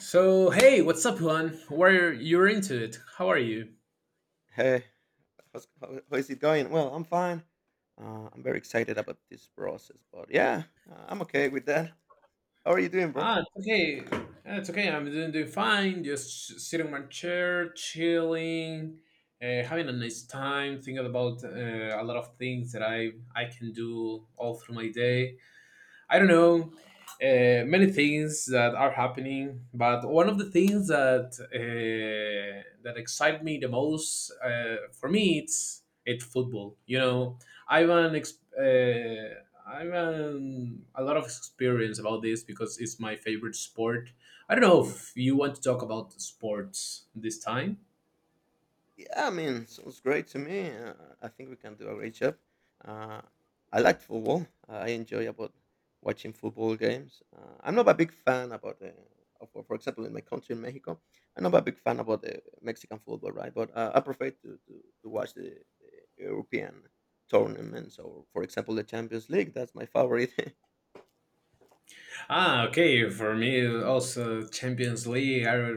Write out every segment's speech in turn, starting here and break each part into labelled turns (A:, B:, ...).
A: So hey, what's up, Juan? Where you're into it? How are you?
B: Hey, how is it going? Well, I'm fine. I'm very excited about this process, but yeah, I'm okay with that. How are you doing, bro?
A: Ah, it's okay. Ah, it's okay. I'm doing fine. Just sitting in my chair, chilling, having a nice time, thinking about a lot of things that I can do all through my day. I don't know, many things that are happening. But one of the things that excite me the most, for me it's football. You know, I've an ex- uh, I've an, a lot of experience about this because it's my favorite sport. I don't know if you want to talk about sports this time.
B: Yeah, I mean, sounds great to me. I think we can do a great job. Uh, I like football. I enjoy about watching football games. I'm not a big fan about for example, in my country in Mexico, I'm not a big fan about the Mexican football, right? But I prefer to watch the European tournaments or, for example, the Champions League. That's my favorite.
A: Ah, okay. For me, also Champions League. I,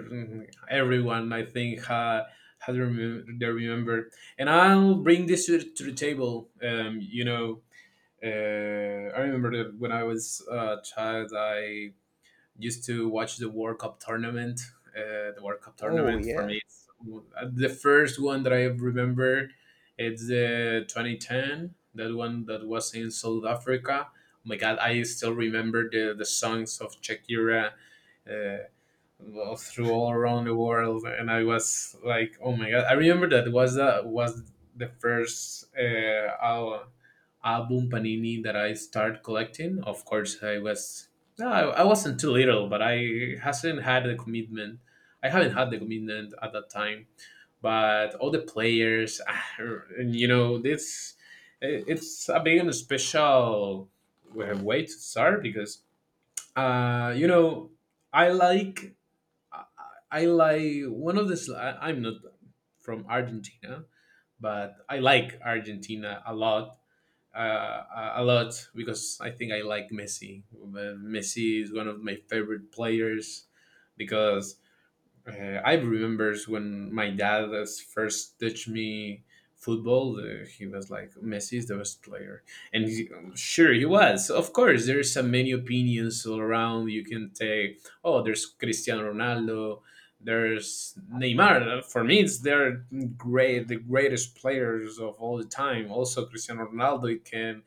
A: everyone, I think, they remember. And I'll bring this to the table. You know, I remember that when I was a child, I used to watch the World Cup tournament. The World Cup
B: Oh,
A: tournament for
B: yeah.
A: me, it's the first one that I remember. It's the 2010, that one that was in South Africa. Oh my God, I still remember the songs of Shakira. Uh, well, through all around the world, and I was like, oh my god! I remember that was the first album Panini that I started collecting. Of course, I was no, I wasn't too little, but I hasn't had the commitment. I haven't had the commitment at that time. But all the players, ah, and you know, this it's a big and special way to start because uh, you know I like I, I like one of the. Sl- I am not from Argentina, but I like Argentina a lot, uh, a lot, because I think I like Messi. Messi is one of my favorite players because I remembers when my dad has first teach me football. He was like, "Messi is the best player," and he, sure he was. Of course, there's so many opinions all around. You can take, "Oh, there's Cristiano Ronaldo." There's Neymar. For me, it's they're great, the greatest players of all the time. Also, Cristiano Ronaldo can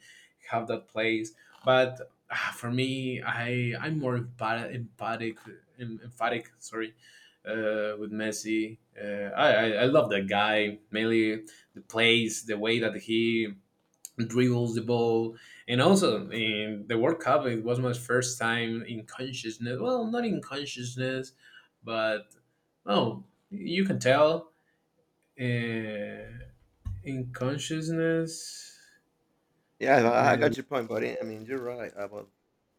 A: have that place, but ah, for me, I'm more emphatic. Sorry, with Messi. I love that guy, mainly the plays, the way that he dribbles the ball, and also in the World Cup it was my first time in consciousness. Well, not in consciousness, but oh, you can tell, uh, in consciousness
B: Yeah, I
A: the
B: got your point, buddy. I mean, you're right about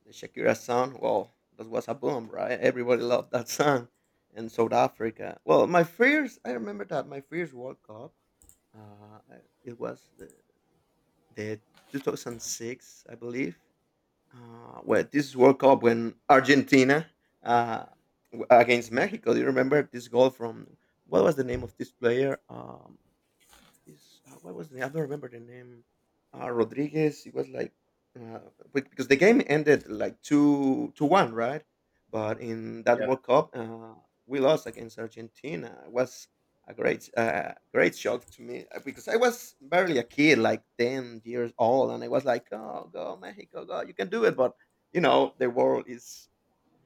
B: the Shakira song. Well, that was a boom, right? Everybody loved that song in South Africa. Well, my first, I remember that my first World Cup, it was the 2006, I believe. Well, this World Cup when Argentina uh, against Mexico. Do you remember this goal from what was the name of this player? This What was the I don't remember the name. Rodriguez. It was like uh, because the game ended like two to one, right? But in that
A: yeah.
B: World Cup, we lost against Argentina. It was a great, great shock to me because I was barely a kid, like 10 years old, and I was like, "Oh, go Mexico, go! You can do it!" But you know, the world is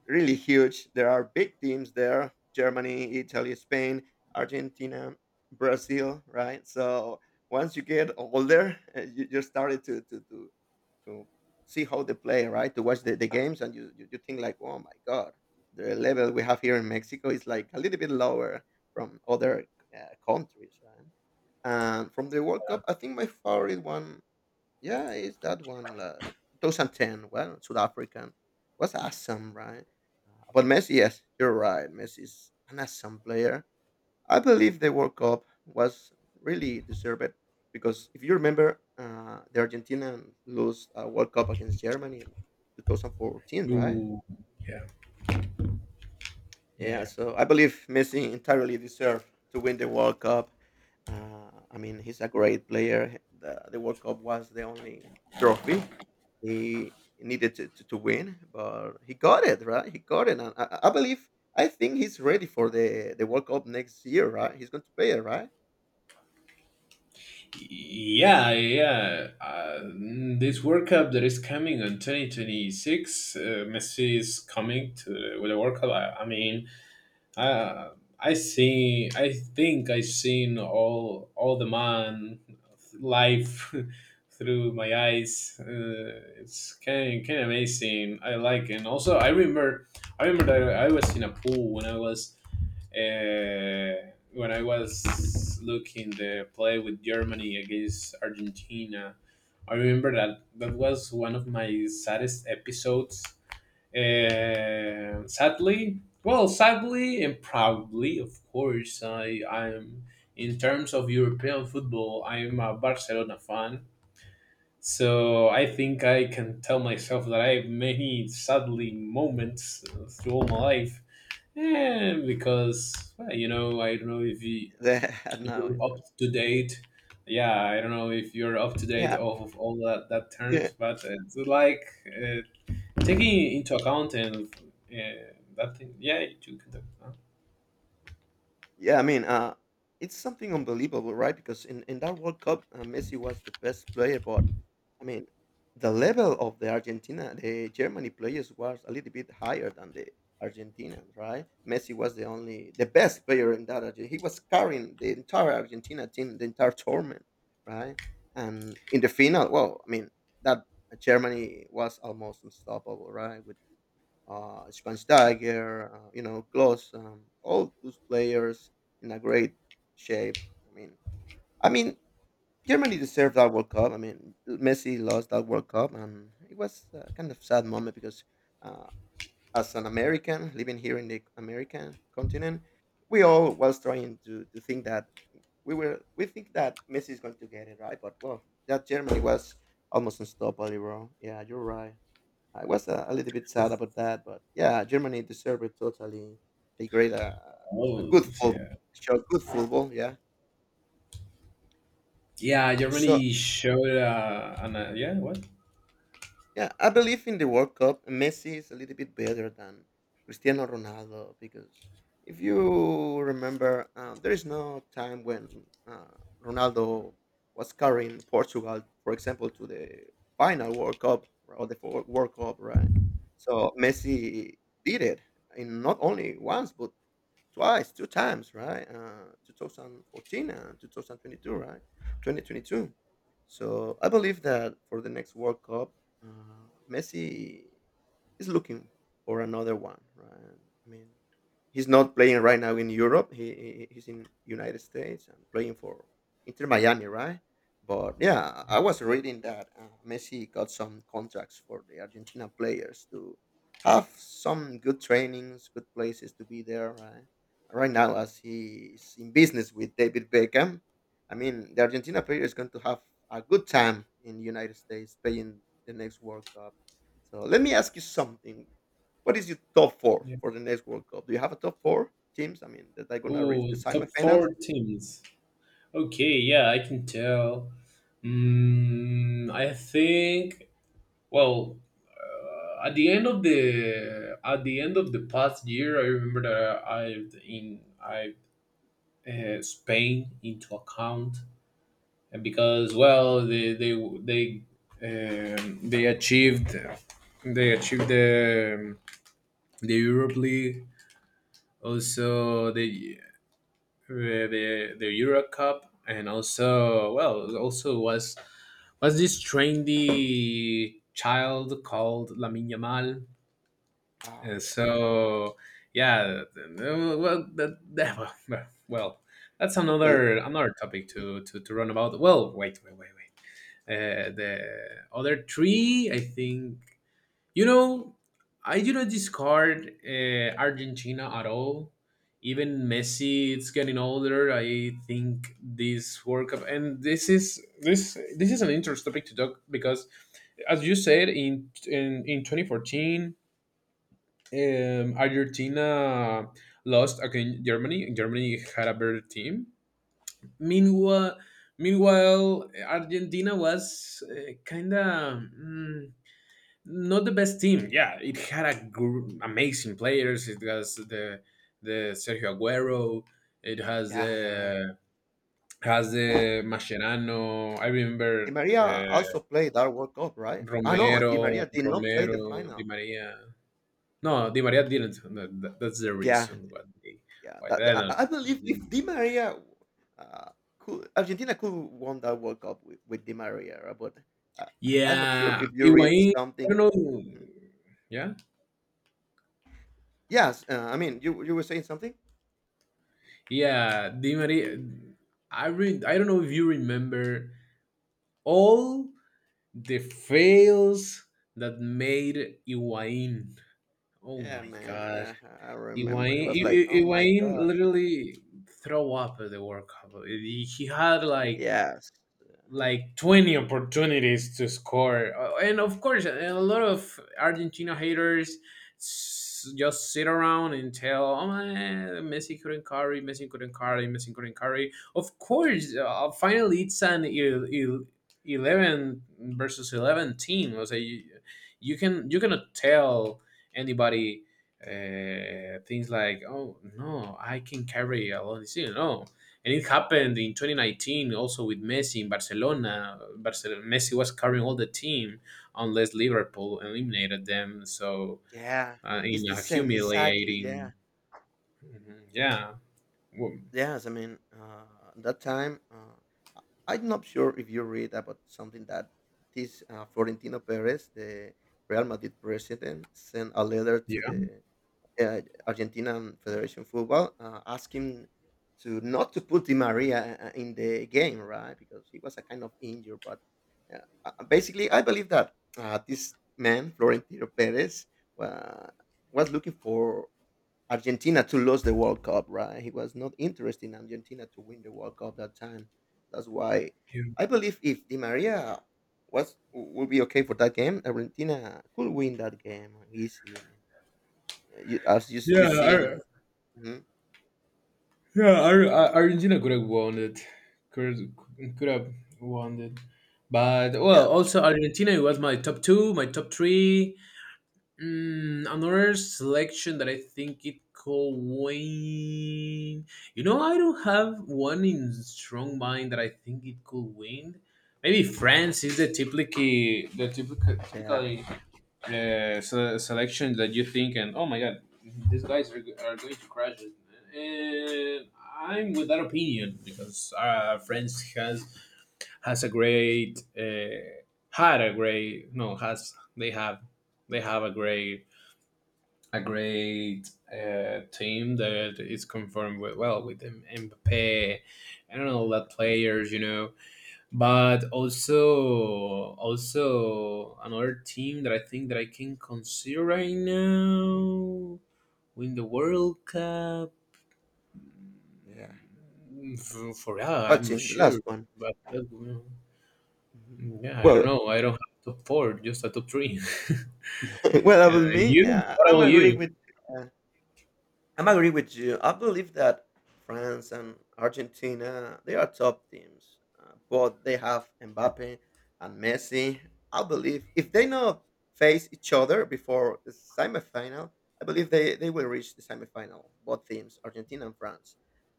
B: really huge. There are big teams there: Germany, Italy, Spain, Argentina, Brazil. Right. So once you get older, you just started to see how they play. Right. To watch the games, and you think like, oh my god, the level we have here in Mexico is like a little bit lower from other countries. Right. And from the World Cup, I think my favorite one yeah, it's that one, 2010. Well, South African was awesome, right? But Messi, yes, you're right. Messi is an awesome player. I believe the World Cup was really deserved because if you remember, the Argentina lost a World Cup against Germany in 2014, right?
A: Ooh, yeah yeah.
B: Yeah,
A: yeah
B: so I believe Messi entirely deserved to win the World Cup. I mean, he's a great player. The World Cup was the only trophy he needed to win, but he got it, right? He got it. And I believe, I think he's ready for the World Cup next year, right? He's going to play it, right?
A: Yeah, yeah. This World Cup that is coming on 2026, Messi is coming to the, with a World Cup. I mean, I I think I seen all the man life through my eyes. It's kind of amazing. I like it. And also I remember that I was in a pool when I was looking the play with Germany against Argentina. I remember that that was one of my saddest episodes, and sadly, well, sadly and proudly, of course, I I'm in terms of European football, I'm a Barcelona fan. So I think I can tell myself that I have many sadly moments through all my life, and because well, you know, I don't know if you,
B: No,
A: you're up
B: no.
A: to date. Yeah, I don't know if you're up to date
B: Yeah,
A: of all that
B: yeah.
A: terms, but it's like taking into account and that thing, yeah, you can. Do- Huh?
B: Yeah, I mean, it's something unbelievable, right? Because in that World Cup, Messi was the best player, but I mean, the level of the Argentina, the Germany players was a little bit higher than the Argentinians, right? Messi was the only, the best player in that. Argentina. He was carrying the entire Argentina team, the entire tournament, right? And in the final, well, I mean, that Germany was almost unstoppable, right? With Schweinsteiger, you know, Klose, all those players in a great shape. I mean, I mean, Germany deserved that World Cup. I mean, Messi lost that World Cup, and it was a kind of sad moment because, uh, as an American living here in the American continent, we all was trying to think that we think that Messi is going to get it right, but well, that Germany was almost unstoppable, bro. Yeah, you're right. I was a little bit sad about that, but yeah, Germany deserved it totally. They played a
A: Oh,
B: good football,
A: yeah.
B: showed good football, yeah.
A: Yeah,
B: So
A: Germany showed yeah, what?
B: yeah, I believe in the World Cup. Messi is a little bit better than Cristiano Ronaldo because if you remember, there is no time when Ronaldo was carrying Portugal, for example, to the final World Cup or the World Cup, right? So Messi did it in not only once but twice, two times, right? 2014 and 2022, right? 2022. So I believe that for the next World Cup, Messi is looking for another one, right? I mean, he's not playing right now in Europe. He's in United States and playing for Inter Miami, right? But yeah, I was reading that Messi got some contracts for the Argentina players to have some good trainings, good places to be there, right? Right now as he's in business with David Beckham. I mean, the Argentina player is going to have a good time in the United States playing the next World Cup. So let me ask you something. What is your top four
A: Yeah.
B: for the next World Cup? Do you have a top four teams? I mean, that are going to reach
A: Oh,
B: the
A: top
B: semifinals?
A: four teams. Okay, yeah, I can tell. Mm, I think. Well, at the end of the at the end of the past year, I remember that I I've in I Spain into account. And because well they they achieved they achieved the um, the Europe League, also the the Euro Cup, and also well also was this trendy child called Lamin Yamal,
B: Ah,
A: and
B: yeah.
A: so yeah. Well well, that's
B: Okay.
A: another another topic to to run about. Well, wait, wait. The other three, I think, you know, I do not discard Argentina at all. Even Messi, it's getting older. I think this World Cup, and this is an interesting topic to talk because, as you said, in 2014, Argentina lost against Germany. Germany had a better team, meanwhile, Argentina was kind of mm, not the best team. Yeah, it had a amazing players. It has the Sergio Aguero. It
B: Yeah, you're right.
A: has the Mascherano. I
B: Di
A: remember
B: Maria
A: the
B: also played that World Cup, right? Ah, no, Di Maria
A: Romero,
B: did not play the
A: Romero, Di
B: final.
A: Maria. No, Di Maria didn't. No, that- that's the
B: Yeah,
A: reason
B: Yeah,
A: why
B: that
A: they
B: I
A: don't.
B: believe if Di Maria, uh, could Argentina could won that World Cup with Di Maria, right? But uh, I'm not sure
A: Yeah,
B: if you read
A: Higuain. I
B: something.
A: don't know.
B: Mhm.
A: Yeah.
B: Yes, I mean you were saying something.
A: Yeah, Di Maria. I don't know if you remember all the fails that made Iwain. Oh
B: Yeah,
A: my
B: man.
A: God,
B: Yeah, I remember.
A: Iwain!
B: It was like, oh my
A: Iwain
B: god.
A: literally throw up at the World Cup. He had like
B: Yes.
A: like 20 opportunities to score. And of course, a lot of Argentina haters just sit around and tell, oh, eh, Messi couldn't carry, Messi couldn't carry, Messi couldn't carry. Of course, finally, it's an 11 versus 11 team. So you cannot tell anybody things like, oh, no, I can carry alone this season. No, and it happened in 2019 also with Messi in Barcelona. Barcelona Messi was carrying all the team unless Liverpool eliminated them. So
B: Yeah. It's
A: in
B: the
A: a
B: same. Exactly.
A: humiliating,
B: Yeah.
A: mhm. Yeah, well,
B: Yes, I mean, that time, I'm not sure if you read about something that this Florentino Perez, the Real Madrid president, sent a letter to
A: yeah,
B: the uh, Argentinian Federation Football asking to not to put Di Maria in the game, right? Because he was a kind of injured. But uh, basically, I believe that this man, Florentino Perez, wa was looking for Argentina to lose the World Cup, right? He was not interested in Argentina to win the World Cup that time. That's why
A: yeah,
B: I believe if Di Maria was will be okay for that game, Argentina could win that game easily. I mean, you, as you, we
A: yeah.
B: seen, Mhm.
A: Yeah, Argentina could have won it. Could have won it. But
B: yeah,
A: well, also Argentina it was my top two, my top three. Mm, another selection that I think it could win. You know, I don't have one in strong mind that I think it could win. Maybe France is the typically the
B: yeah,
A: typically selection that you think and oh my god, these guys are going to crash it. And I'm with that opinion because France has a great had a great no has they have a great team that is confirmed with well with Mbappe and all that
B: Mhm.
A: players, you know. But also, also another team that I think that I can consider right now win the World Cup.
B: yeah.
A: Mm, for yeah, I'm
B: What's
A: not
B: in the
A: sure,
B: last one?
A: but that,
B: Mhm.
A: yeah, I don't
B: Well,
A: know. I don't have top four, just a top three.
B: well,
A: Yeah,
B: about me,
A: you?
B: yeah,
A: What about
B: I'm agree
A: you?
B: with. uh, I'm agree with you. I believe that France and Argentina they are top teams, but they have Mbappe and Messi. I believe if they not face each other before the semifinal, I believe they will reach the semifinal. Both teams, Argentina and France.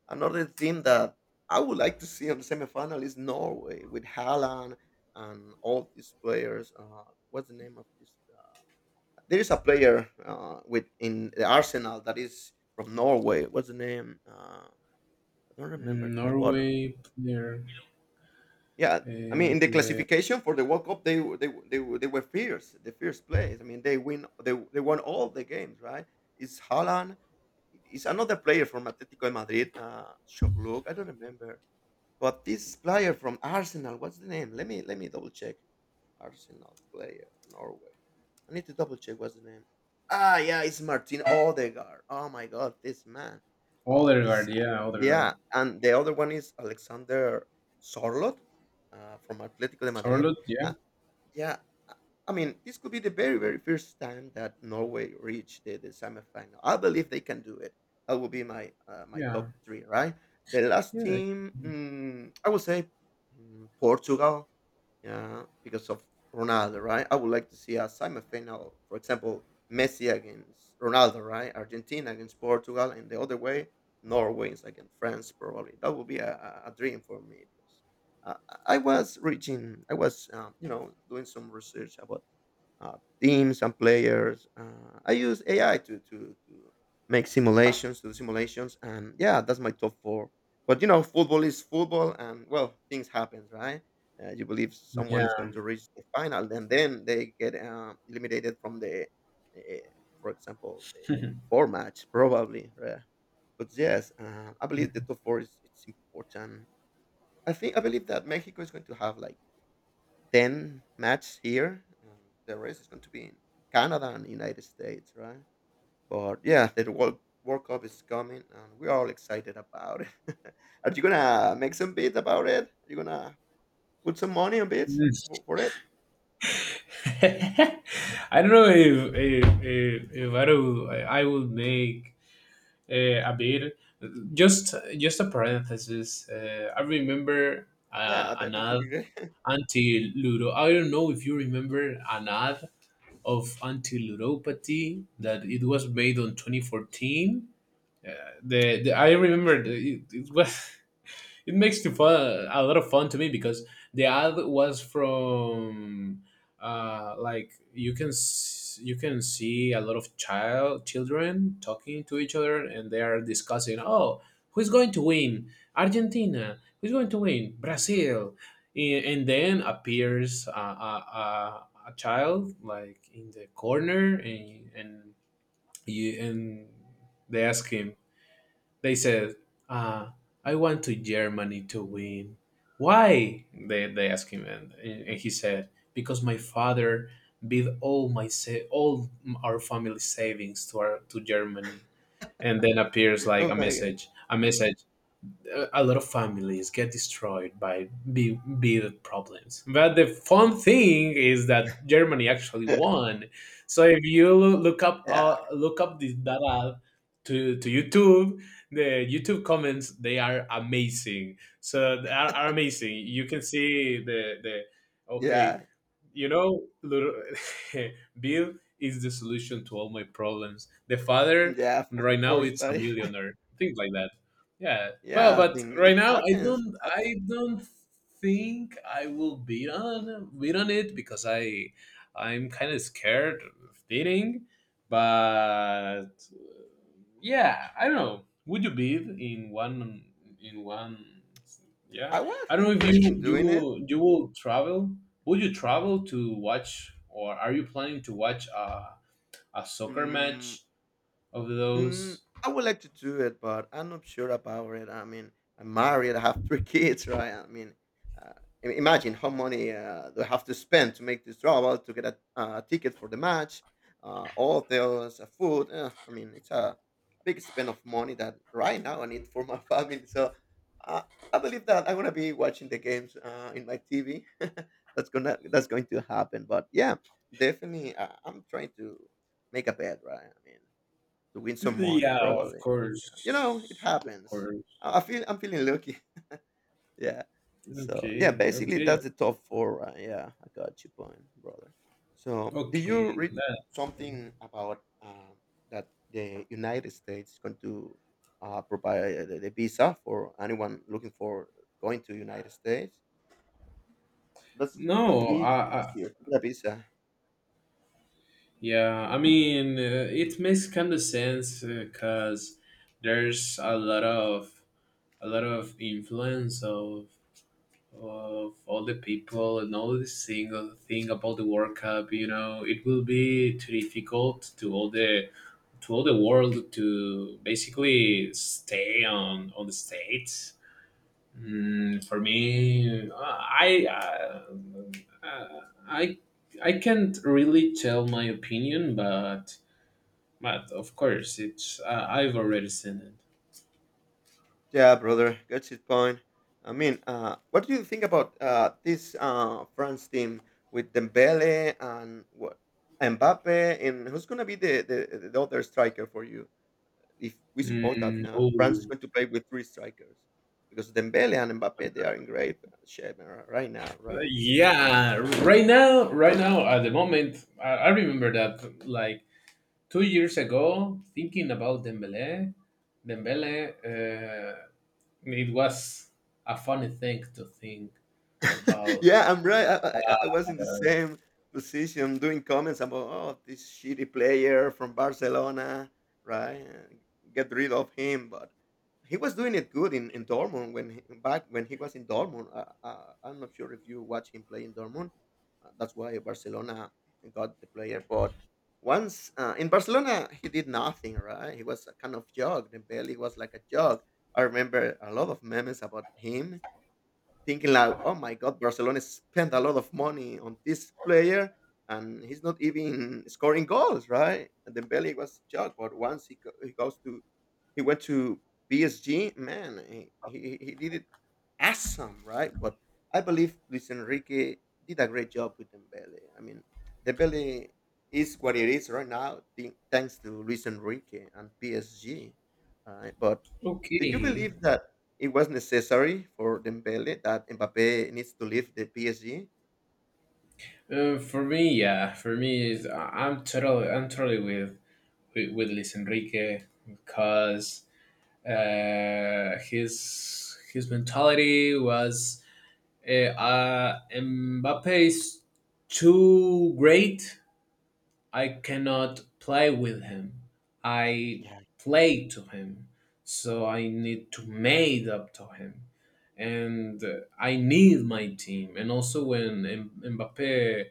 B: Another team that I would like to see on the semifinal is Norway with Haaland and all these players. What's the name of this? There is a player with in the Arsenal that is from Norway. What's the name? I don't remember the name, but
A: Norway player.
B: yeah, I mean, in the
A: Uh,
B: classification for the World Cup, they were fierce, the fierce place. I mean, they win, they won all the games, right? It's Haaland. It's another player from Atletico de Madrid, Sherlock. I don't remember, but this player from Arsenal. What's the name? Let me double check. Arsenal player, Norway. I need to double check what's the name. Ah, yeah, it's Martin Odegaard. Oh my God, this man. Oh, this.
A: Odegaard, yeah, Odegaard.
B: Yeah, and the other one is Alexander Sorlot from Atletico de Madrid.
A: Charlotte, yeah,
B: Uh, yeah, I I mean, this could be the very, very first time that Norway reached the semifinal. I believe they can do it. That will be my my
A: yeah,
B: top three, right? The last
A: yeah,
B: team, I would say Portugal. Yeah, because of Ronaldo, right? I would like to see a semifinal, for example, Messi against Ronaldo, right? Argentina against Portugal, and the other way, Norway is against France, probably. That would be a dream for me because uh, I was reaching, I was, you know, doing some research about uh, teams and players. I use AI to make simulations, to do simulations, and yeah, that's my top four. But you know, football is football, and well, things happen, right? You believe someone is going
A: yeah.
B: to reach the final, and then they get eliminated from the, uh, for example, the four match probably. Right? But yes, I believe the top four is it's important. I believe that Mexico is going to have like 10 matches here. The rest is going to be in Canada and United States, right? But yeah, World Cup is coming, and we're all excited about it. Are you gonna make some bids about it? Are you gonna put some money on bids
A: Mm.
B: for it?
A: I don't know if I, do, I would make a bit. Just a parenthesis. I remember
B: Yeah, I
A: an
B: bet it would
A: ad
B: be great.
A: anti Ludo. I don't know if you remember an ad of anti ludopathy that it was made on 2014. The, I remember the, it was it makes the fun a lot of fun to me because the ad was from like you can you can see a lot of children talking to each other and they are discussing oh who's going to win argentina who's going to win brazil. And then appears a child like in the corner and, you, and they ask him they said, uh, I want to Germany to win. Why? They asked him, and he said, because my father bid all our family savings to our to Germany. And then appears like
B: Oh
A: a
B: my
A: message, a message a lot of families get destroyed by big, big problems. But the fun thing is that Germany actually
B: god.
A: won. So if you
B: Yeah,
A: look up this data to YouTube, the YouTube comments they are amazing. So they are amazing. You can see the okay
B: yeah,
A: you know, little, Bill is the solution to all my problems. The father
B: yeah, of
A: right now
B: course,
A: it's a
B: buddy.
A: millionaire, things like that. Yeah, well,
B: Yeah, I
A: but
B: think it
A: right now
B: happens. It
A: I
B: happens.
A: don't think I will be on it because I, I'm kind of scared of dating, but yeah, I don't know, would you bid in one, yeah.
B: I was
A: I don't know if
B: interested in doing it.
A: you will travel, would you travel to watch or are you planning to watch a soccer
B: Mm,
A: match of those?
B: I would like to do it, but I'm not sure about it. I mean, I'm married. I have three kids, right? I mean, uh, imagine how money do I have to spend to make this travel, to get a ticket for the match, all those food. I mean, it's a big spend of money that right now I need for my family. So uh, I believe that I'm gonna be watching the games in my TV. That's going to happen. But yeah, definitely, I'm trying to make a bet, right? I mean to win some money
A: Yeah, of
B: probably. You know, it
A: course, of
B: happens.
A: course.
B: I'm feeling lucky. Yeah. So yeah,
A: Okay,
B: basically
A: okay,
B: that's the top four. Right? Yeah, I got your point, brother. So did
A: okay
B: you read
A: that-
B: something about that the United States is going to provide the visa for anyone looking for going to United States? That's It's going to
A: no I,
B: be
A: I
B: easier to get a visa.
A: yeah I mean it makes kind of sense because there's a lot of influence of all the people and all the single thing about the World Cup. You know, it will be too difficult to all the world to basically stay on the states. Mm, for me, uh, I I can't really tell my opinion, but of course it's, I've already seen it.
B: Yeah, brother, that's his point. I mean, what do you think about this France team with Dembele and what Mbappe, and who's gonna be the other striker for you? If we suppose that
A: Mm,
B: France is
A: oh.
B: going to play with three strikers, because Dembele and Mbappe they are in great shape right now,
A: Uh,
B: right?
A: yeah, right now, right now, at the moment, I remember that like 2 years ago, thinking about Dembele, Dembele, it was a funny thing to think about.
B: yeah, I'm right. I was in the same position doing comments about oh this shitty player from Barcelona, right? Get rid of him, but he was doing it good in Dortmund when back when he was in Dortmund. I'm not sure if you watch him play in Dortmund. That's why Barcelona got the player, but once in Barcelona he did nothing, right? He was a kind of jog. The belly was like a jog. I remember a lot of memes about him thinking like, "Oh my God, Barcelona spent a lot of money on this player, and he's not even scoring goals, right?" And Dembele was joke, but once he, go, he goes to he went to PSG, man, he did it awesome, right? But I believe Luis Enrique did a great job with Dembele. I mean, Dembele is what it is right now, thanks to Luis Enrique and PSG, right? But do you
A: Okay,
B: believe that it was necessary for Dembele that Mbappe needs to leave the PSG?
A: for me, yeah, for me, is I- I'm totally with with, Luis Enrique because his mentality was, Mbappe is too great. I cannot play with him. I
B: Yeah.
A: play to him. So I need to made up to him. And I need my team. And also when Mbappe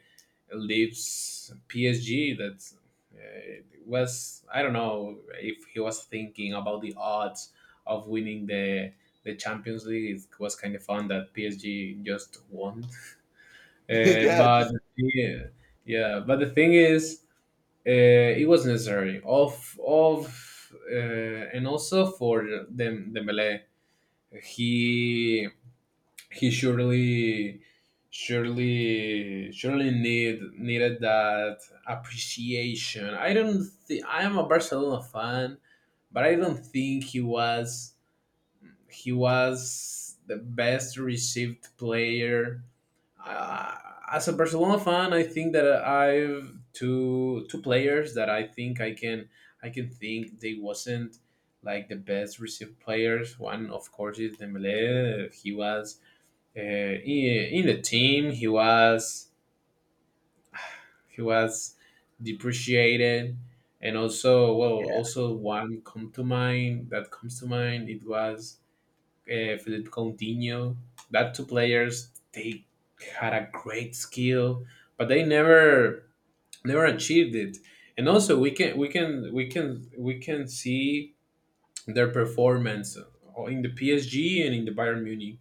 A: leaves PSG, that uh, was, I don't know if he was thinking about the odds of winning the Champions League. It was kind of fun that PSG just won. Uh,
B: yeah,
A: but
B: just
A: yeah, yeah, but the thing is, uh, it was necessary. Of and also for Dembele, he he surely needed that appreciation. I don't think I am a Barcelona fan, but I don't think he was the best received player uh, as a Barcelona fan. I think that I've two players that I think I can think they wasn't like the best received players. One of course is Dembele. He was in the team. He was depreciated, and also well
B: yeah.
A: also one come to mind that comes to mind. It was Philippe Coutinho. That two players they had a great skill, but they never achieved it. And also we can see their performance in the PSG and in the Bayern Munich.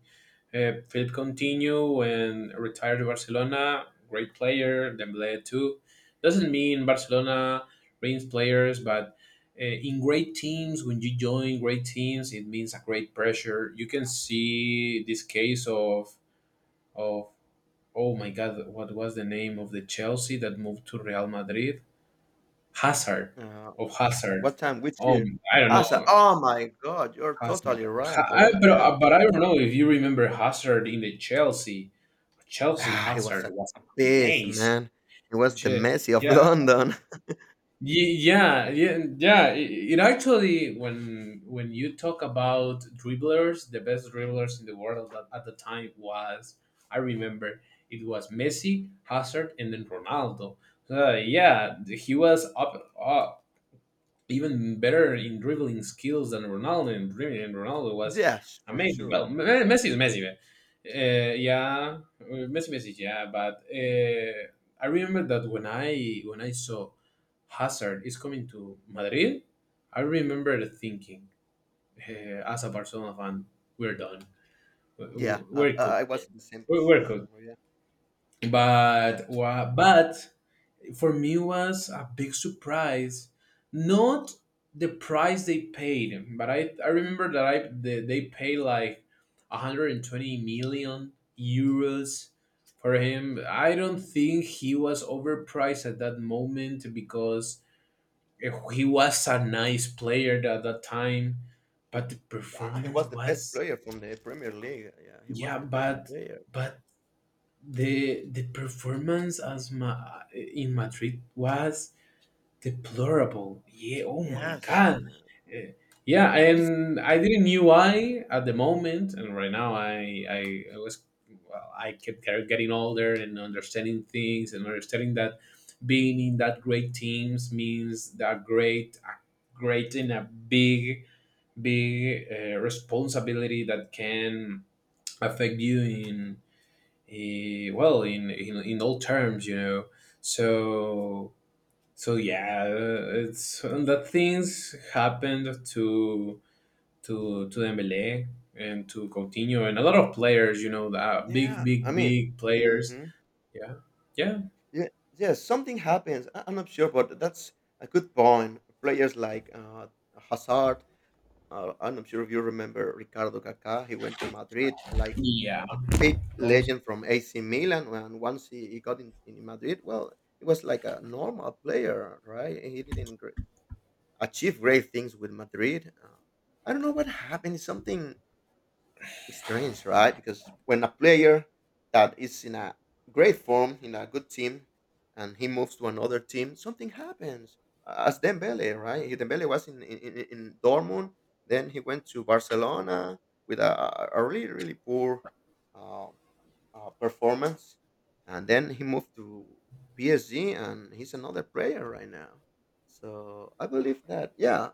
A: Philip Coutinho, when retired to Barcelona, great player. Dembélé too. Doesn't mean Barcelona brings players, but in great teams, when you join great teams, it means a great pressure. You can see this case of oh my god, what was the name of the Chelsea that moved to Real Madrid? Hazard,
B: Uh,
A: of Hazard.
B: what time? Which year?
A: I don't
B: I
A: know.
B: "Oh my God, you're
A: Hazard,
B: totally right,
A: ha, I,
B: brother." Yeah,
A: but I don't know if you remember Hazard in the Chelsea. Chelsea
B: it was
A: Hazard
B: a
A: was
B: beast,
A: amazed.
B: man. It was the
A: Che-
B: Messi of
A: yeah,
B: London.
A: It actually, when you talk about dribblers, the best dribblers in the world at the time was, I remember, it was Messi, Hazard, and then Ronaldo. So yeah, he was up, even better in dribbling skills than Ronaldo. And, dribbling and Ronaldo was
B: Yes, for
A: amazing.
B: sure.
A: Well, Messi is Messi, man. Yeah, Messi, Messi, yeah. But I remember that when I saw Hazard is coming to Madrid, I remember thinking, as a Barcelona fan, we're done.
B: Yeah, I,
A: We're
B: I
A: cooked,
B: I was
A: man.
B: in the same
A: We're
B: position.
A: cooked.
B: Yeah, yeah,
A: But for me was a big surprise, not the price they paid, but I remember that I they paid like 120 million euros for him. I don't think he was overpriced at that moment because he was a nice player at that time, but the
B: yeah. He
A: performance
B: was the best
A: was,
B: player from the Premier League. Yeah, he was
A: yeah,
B: the best player.
A: but the performance in madrid was deplorable. Yeah. Oh my
B: Yes,
A: God.
B: yeah.
A: Eh, Yeah,
B: it's
A: and I didn't
B: Mhm.
A: knew why at the moment, and right now I was, well, I kept getting older and understanding things and understanding that being in that great teams means that great great in a big responsibility that can affect you in well in, in all terms, you know. So so yeah, it's and that things happened to Dembele and to Coutinho and a lot of players, you know, that big
B: Yeah. I
A: big
B: mean,
A: big players.
B: hmm
A: Yeah, yeah,
B: yeah, yeah. Something happens. I'm not sure, but that's a good point. Players like Hazard. I'm not sure if you remember Ricardo Kaká. He went to Madrid like
A: yeah,
B: a big
A: also,
B: legend from AC Milan. And once he got in Madrid, well, he was like a normal player, right? He didn't achieve great things with Madrid. I don't know what happened. Something strange, right? Because when a player that is in a great form, in a good team, and he moves to another team, something happens. As Dembele, right? Dembele was in Dortmund, then he went to Barcelona with a really, really poor uh, performance. And then he moved to PSG, and he's another player right now. So I believe that, yeah,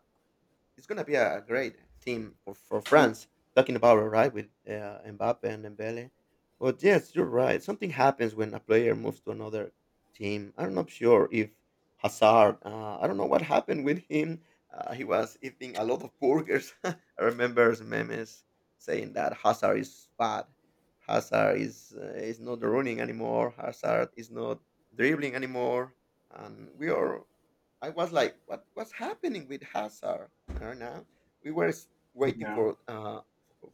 B: it's gonna be a great team for France. Talking about it, right with Mbappe and Dembele, but yes, you're right. Something happens when a player moves to another team. I'm not sure if Hazard. I don't know what happened with him. He was eating a lot of burgers. I remember some memes saying that Hazard is fat. Hazard is not running anymore. Hazard is not dribbling anymore. And we are I was like, what's happening with Hazard? Fair enough. We were waiting
A: yeah,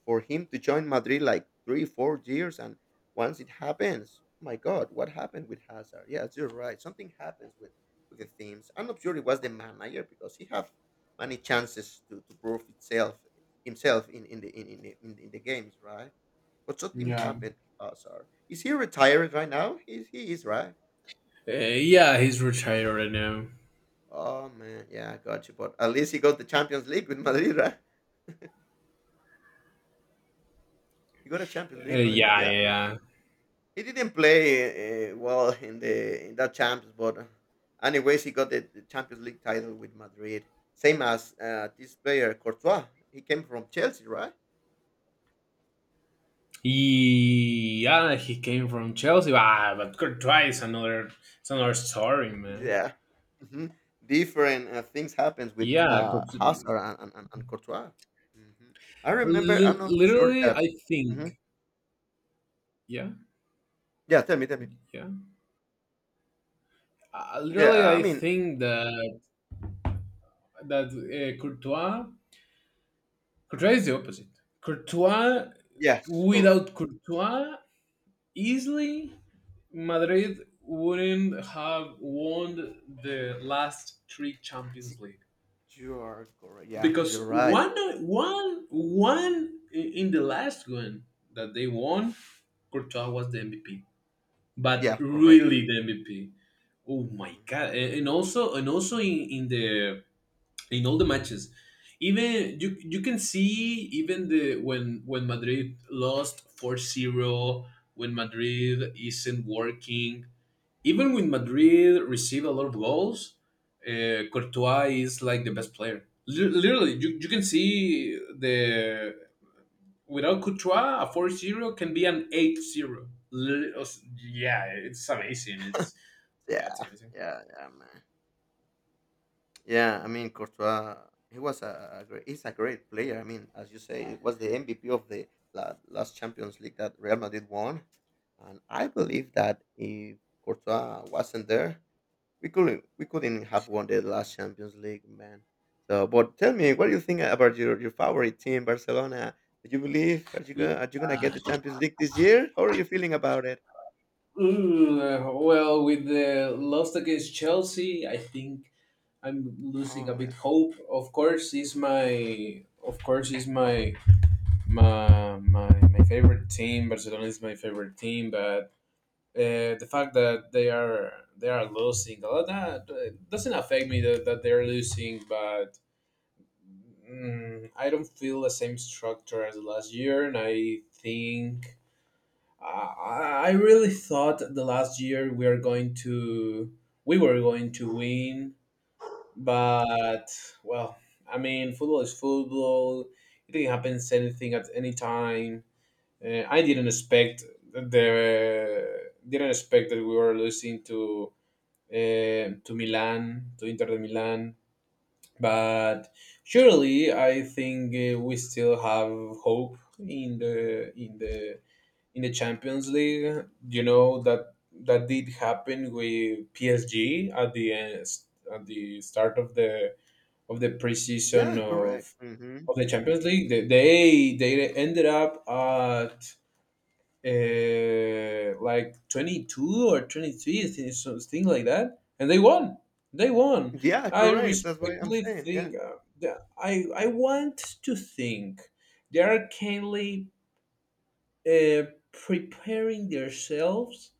B: for him to join Madrid like three, 4 years, and once it happens, my God, what happened with Hazard? Yes, you're right. Something happens with the teams. I'm not sure it was the manager because he have many chances to prove itself himself in the in, the- in the games, right? But something
A: yeah,
B: happened to Hazard. Is he retired right now? He is, right?
A: yeah, he's retired right now.
B: Oh man, yeah, I got you. But at least he got the Champions League with Madrid, right? He got a Champions
A: Uh,
B: League Madrid.
A: yeah,
B: Yeah.
A: yeah, yeah,
B: He didn't play well in that champs, but anyways, he got the Champions League title with Madrid. Same as this player Courtois. He came from Chelsea, right?
A: he, yeah, he came from Chelsea. Ah, but Courtois is another, it's another story, man.
B: Yeah. hmm Different things happens with
A: Yeah,
B: Hazard
A: Courtois,
B: and Courtois. hmm I remember. I'm not sure
A: literally
B: that.
A: I think,
B: Mhm.
A: yeah,
B: Yeah, tell me, tell me.
A: yeah.
B: Yeah,
A: Really,
B: I
A: I
B: mean,
A: think that Courtois, Courtois is the opposite. Courtois,
B: yes, correct.
A: without Courtois, easily Madrid wouldn't have won the last three
B: Y-
A: Champions League,
B: You are correct. Yeah,
A: because
B: you're right.
A: one, one in the last one that they won, Courtois was the MVP, but
B: Yeah, correct.
A: really the MVP. Oh my
B: Mhm.
A: god! And also in the in all the matches. Even you can see even the when Madrid lost 4-0, when Madrid isn't working, even when Madrid receive a lot of goals, Courtois is like the best player. Literally, you can see the without Courtois, a 4-0 can be an 8-0. Yeah, it's amazing. It's yeah,
B: Yeah,
A: it's amazing.
B: yeah, yeah, man. Yeah, I mean Courtois, he was a great, he's a great player. I mean, as you say, he was the MVP of the last Champions League that Real Madrid won, and I believe that if Courtois wasn't there, we couldn't have won the last Champions League, man. So, but tell me, what do you think about your favorite team, Barcelona? Do you believe are you gonna Are you gonna get the Champions League this year? How are you feeling about it?
A: Well, with the loss against Chelsea, I think I'm losing a
B: Oh
A: bit hope. Of course, is my of course is my my favorite team. Barcelona is my favorite team, but the fact that they are losing a lot, that it doesn't affect me that, that they're losing, but mm, I don't feel the same structure as last year, and I think I really thought the last year we are going to we were going to win, but well, I mean, football is football. It can happen anything at any time. I didn't expect the didn't expect that we were losing to Milan to Inter de Milan, but surely I think we still have hope in the in the Champions League. You know that that did happen with PSG at the end, at the start of the
B: yeah,
A: preseason
B: yeah, correct.
A: of of the Champions League. They, they ended up at like 22 or 23, something like that, and they won. They won.
B: Yeah,
A: I
B: correct. That's what I'm
A: respectfully
B: saying. Yeah,
A: think I I want to think they are kindly uh, preparing themselves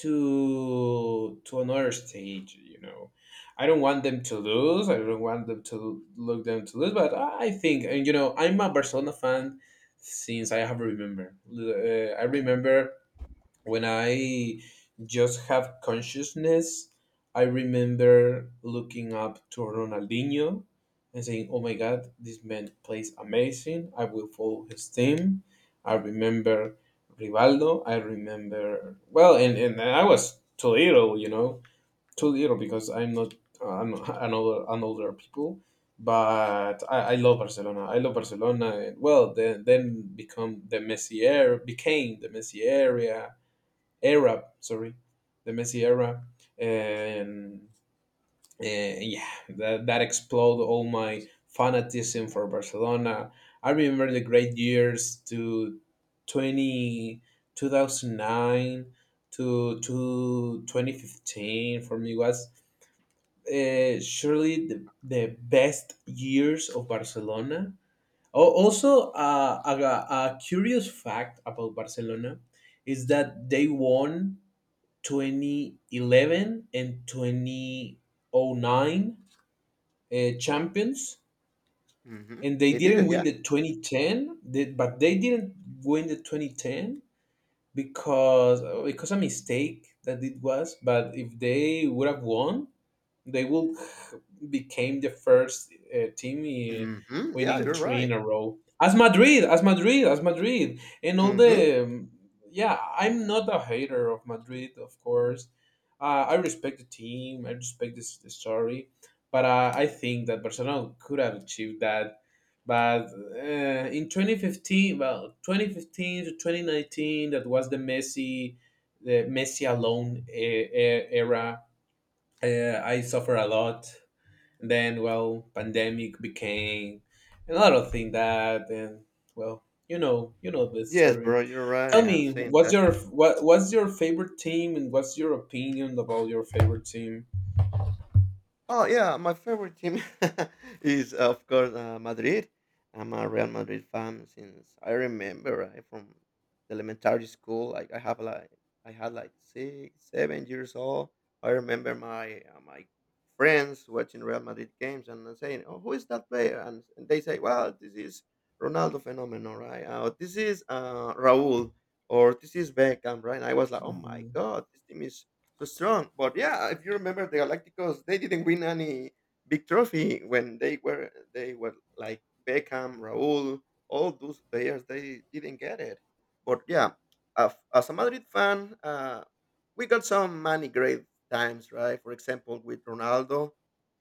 A: to another stage, you know. I don't want them to lose, I don't want them to look them to lose, but I think, and you know I'm a Barcelona fan since I have remember. I remember when I just have consciousness, I remember looking up to Ronaldinho and saying, "Oh my God, this man plays amazing. I will follow his team." I remember Rivaldo. I remember well, and I was too little, you know, too little because I'm not I'm an older people. But I love Barcelona. I love Barcelona. Well, then become the Messi era, became the Messi area era, sorry, the Messi era, and yeah, that exploded all my fanatism for Barcelona. I remember the great years to 20 2009 to 2015, for me was surely the best years of Barcelona. Also, a curious fact about Barcelona is that they won 2011 and 2009 champions
B: hmm
A: and they
B: they did
A: didn't
B: it.
A: win
B: Yeah.
A: the 2010 they, but they didn't win the 2010 because a mistake that it was, but if they would have won they will became the first team
B: Mhm, yeah,
A: winning
B: you're
A: three
B: right.
A: in a row. As Madrid, and all
B: Mhm.
A: the yeah. I'm not a hater of Madrid, of course. I respect the team. I respect this the story, but I think that Barcelona could have achieved that. But in 2015, well, 2015 to 2019, that was the Messi alone era. I suffer a lot. Then, well, pandemic became a lot of things that, and well, you know the
B: Yes,
A: story.
B: bro, you're
A: Tell
B: right, I'm
A: me,
B: saying
A: what's
B: that.
A: your what's your favorite team, and what's your opinion about your favorite team?
B: Oh yeah, my favorite team is of course Madrid. I'm a Real Madrid fan since I remember right, from the elementary school. Like I had like six, 7 years old. I remember my friends watching Real Madrid games and saying, "Oh, who is that player?" And they say, "Well, this is Ronaldo Fenomeno, right? This is Raúl, or this is Beckham, right?" And I was like, "Oh my
A: Hmm,
B: God, this team is so strong." But yeah, if you remember, the Galacticos they didn't win any big trophy when they were like Beckham, Raúl, all those players. They didn't get it. But yeah, as a Madrid fan, we got some many great times, right? For example, with Ronaldo,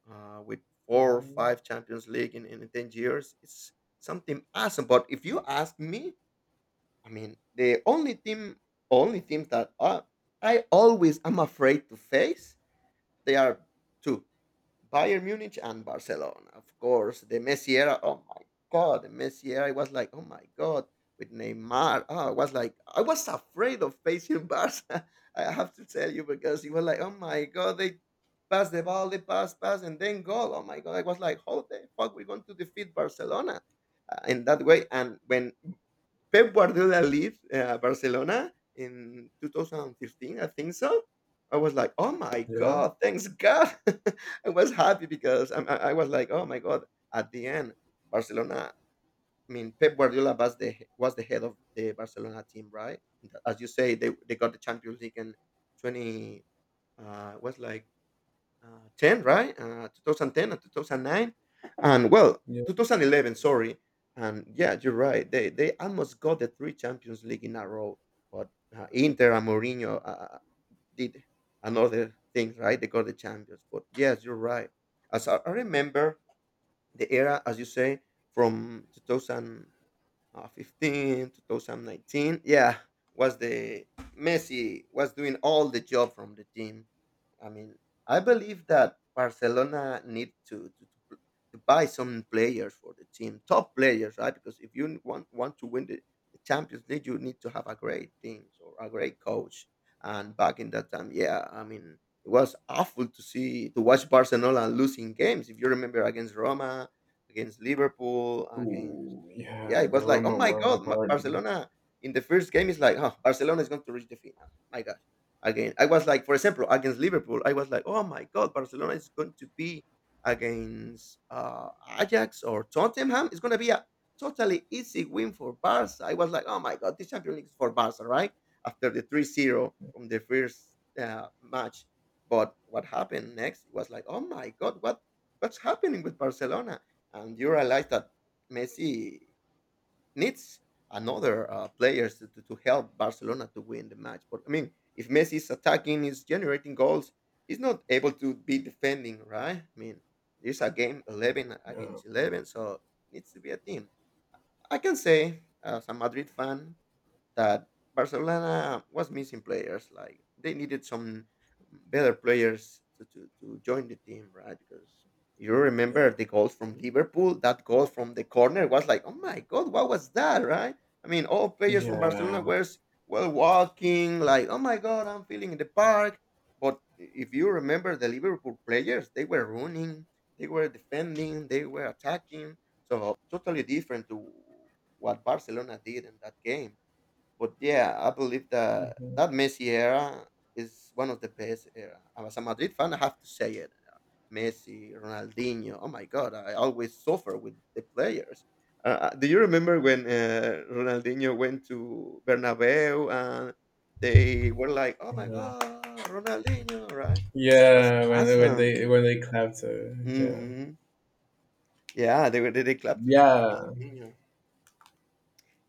B: with four or
A: hmm,
B: five Champions League in 10 years, it's something awesome. But if you ask me, I mean, only team that I always am afraid to face, they are two: Bayern Munich and Barcelona. Of course, the Messi era. Oh my God, the Messi era. I was like, oh my God, with Neymar. Oh, I was like, I was afraid of facing Barca. I have to tell you because it was like, oh my God, they pass the ball, they pass, pass, and then goal. Oh my God, I was like, how the fuck we going to defeat Barcelona in that way? And when Pep Guardiola leave Barcelona in 2015, I think so. I was like, oh my
A: yeah,
B: god, thanks God! I was happy because I was like, oh my god. At the end, Barcelona. I mean, Pep Guardiola was the head of the Barcelona team, right? As you say, they got the Champions League in 20. Was like 10, right? 2010 and 2009, and well,
A: yeah,
B: 2011. Sorry, and yeah, you're right. They almost got the three Champions League in a row, but Inter and Mourinho did another thing, right? They got the Champions. But yes, you're right. As I remember the era, as you say, from 2000 15, 2019. Yeah, was the Messi was doing all the job from the team. I mean, I believe that Barcelona need to buy some players for the team, top players, right? Because if you want to win the Champions League you need to have a great team or a great coach. And back in that time, yeah, I mean it was awful to watch Barcelona losing games if you remember against Roma, against Liverpool, against,
A: ooh,
B: yeah,
A: yeah.
B: it
A: The
B: was like, oh
A: Roma
B: my
A: one,
B: God,
A: Harden.
B: Barcelona in the first game is like, oh, Barcelona is going to reach the final. My God. Again, I was like, for example, against Liverpool, I was like, oh my God, Barcelona is going to be against Ajax or Tottenham. It's going to be a totally easy win for Barca. I was like, oh my God, this Champions League is for Barca, right? After the 3-0 from the first match. But what happened next was like, oh my God, what's happening with Barcelona? And you realize that Messi needs another players to help Barcelona to win the match. But I mean, if Messi is attacking, is generating goals, he's not able to be defending, right? I mean, there's a game 11
A: Yeah,
B: against 11, so it needs to be a team. I can say, as a Madrid fan, that Barcelona was missing players. Like they needed some better players to join the team, right? Because you
A: yeah,
B: remember the goals from Liverpool, that goal from the corner was like, oh my god, what was that, right? I mean, all players from
A: yeah,
B: Barcelona were well walking, like, oh my god, I'm feeling in the park. But if you remember the Liverpool players, they were running, they were defending, they were attacking. So totally different to what Barcelona did in that game. But yeah, I believe that
A: mhm,
B: that Messi era is one of the best era. And as a Madrid fan, I have to say it. Messi, Ronaldinho. Oh my God, I always suffer with the players. Do you remember when Ronaldinho went to Bernabeu and they were like, "Oh my
A: yeah.
B: God, Ronaldinho!" Right? It was
A: Yeah, when when
B: awesome.
A: they when they clapped, yeah,
B: hmm Yeah, they were. They clapped to
A: yeah.
B: Ronaldinho.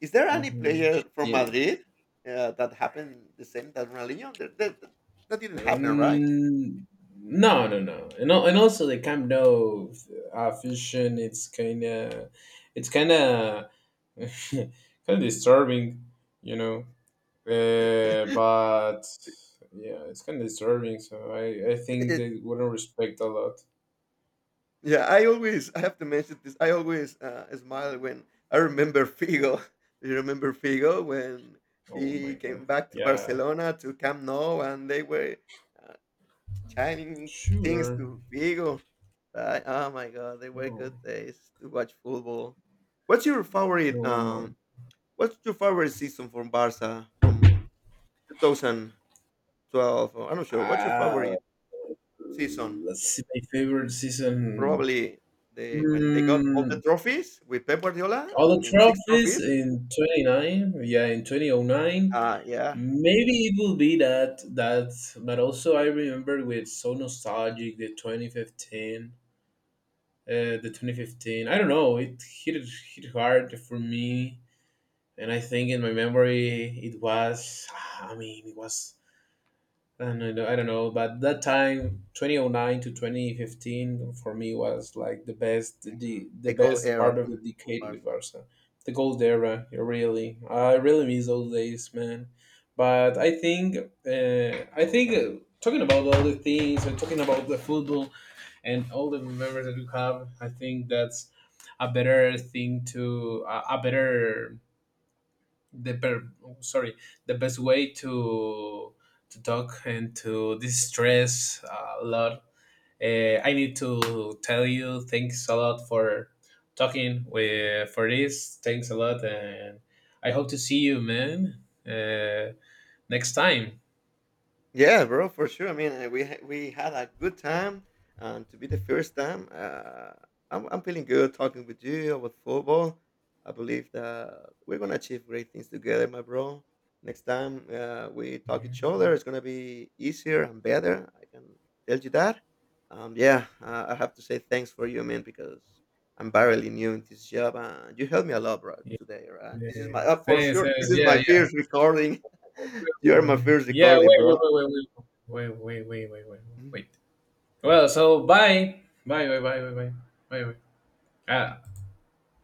B: Is there any
A: Hmm.
B: player from Madrid that happened the same that Ronaldinho? That didn't happen, right?
A: Mm, no, no, no, and and also the Camp Nou fusion. It's kind of disturbing, you know. But yeah, it's kind of disturbing. So I think
B: It-
A: they wouldn't respect a lot.
B: yeah, I have to mention this. I always smile when I remember Figo. You remember Figo when
A: Oh my
B: he
A: god.
B: came back to
A: Yeah.
B: Barcelona to Camp Nou, and they were uh, chanting things
A: Sure.
B: to Figo. Oh my God, they were good
A: No.
B: days to watch football. What's your
A: No
B: favorite?
A: one.
B: What's your favorite season from Barca from 2012? I'm not sure. What's your
A: Ah,
B: favorite season?
A: let's see. My favorite season.
B: Probably the when they got all the
A: Hmm,
B: trophies with Pep Guardiola.
A: all
B: I
A: the
B: mean, six
A: trophies
B: trophies.
A: in 29, yeah, in 2009.
B: Yeah,
A: Maybe it will be that, that, but also I remember with so nostalgic the 2015, the 2015. I don't know, it hit, hit hard for me. And I think in my memory, it was, ah, I mean, it was and I don't know, but that time, 2009 to 2015, for me was like the best,
B: yeah.
A: the
B: The gold
A: best
B: era
A: part of the
B: from for
A: decade with
B: Barca.
A: Barca, the gold era. Really, I really miss those days, man. But I think talking about all the things and talking about the football and all the memories that we have, I think that's a better thing to a better the per- sorry the best way to talk and to distress a lot. I need to tell you thanks a lot for talking with for this. Thanks a lot, and I hope to see you, man, uh, next time.
B: Yeah, bro, for sure. I mean, we had a good time, and to be the first time, I'm feeling good talking with you about football. I believe that we're gonna achieve great things together, my bro. Next time we talk
A: Yeah.
B: each other, it's gonna be easier and better. I can tell you that. Yeah, I have to say thanks for you, man, because I'm barely new in this job, and you helped me a lot, bro, today. Right? This is
A: Yeah.
B: my for
A: Thanks,
B: sure.
A: thanks,
B: This is my
A: yeah. Yeah.
B: first recording. You are my first
A: Yeah. Wait. Wait. Wait. Wait. Wait. Wait.
B: recording, bro.
A: Wait. Wait. Wait. Wait. Well. So. Bye. Bye. Bye. Bye. Bye. Bye. Bye. Bye. Uh,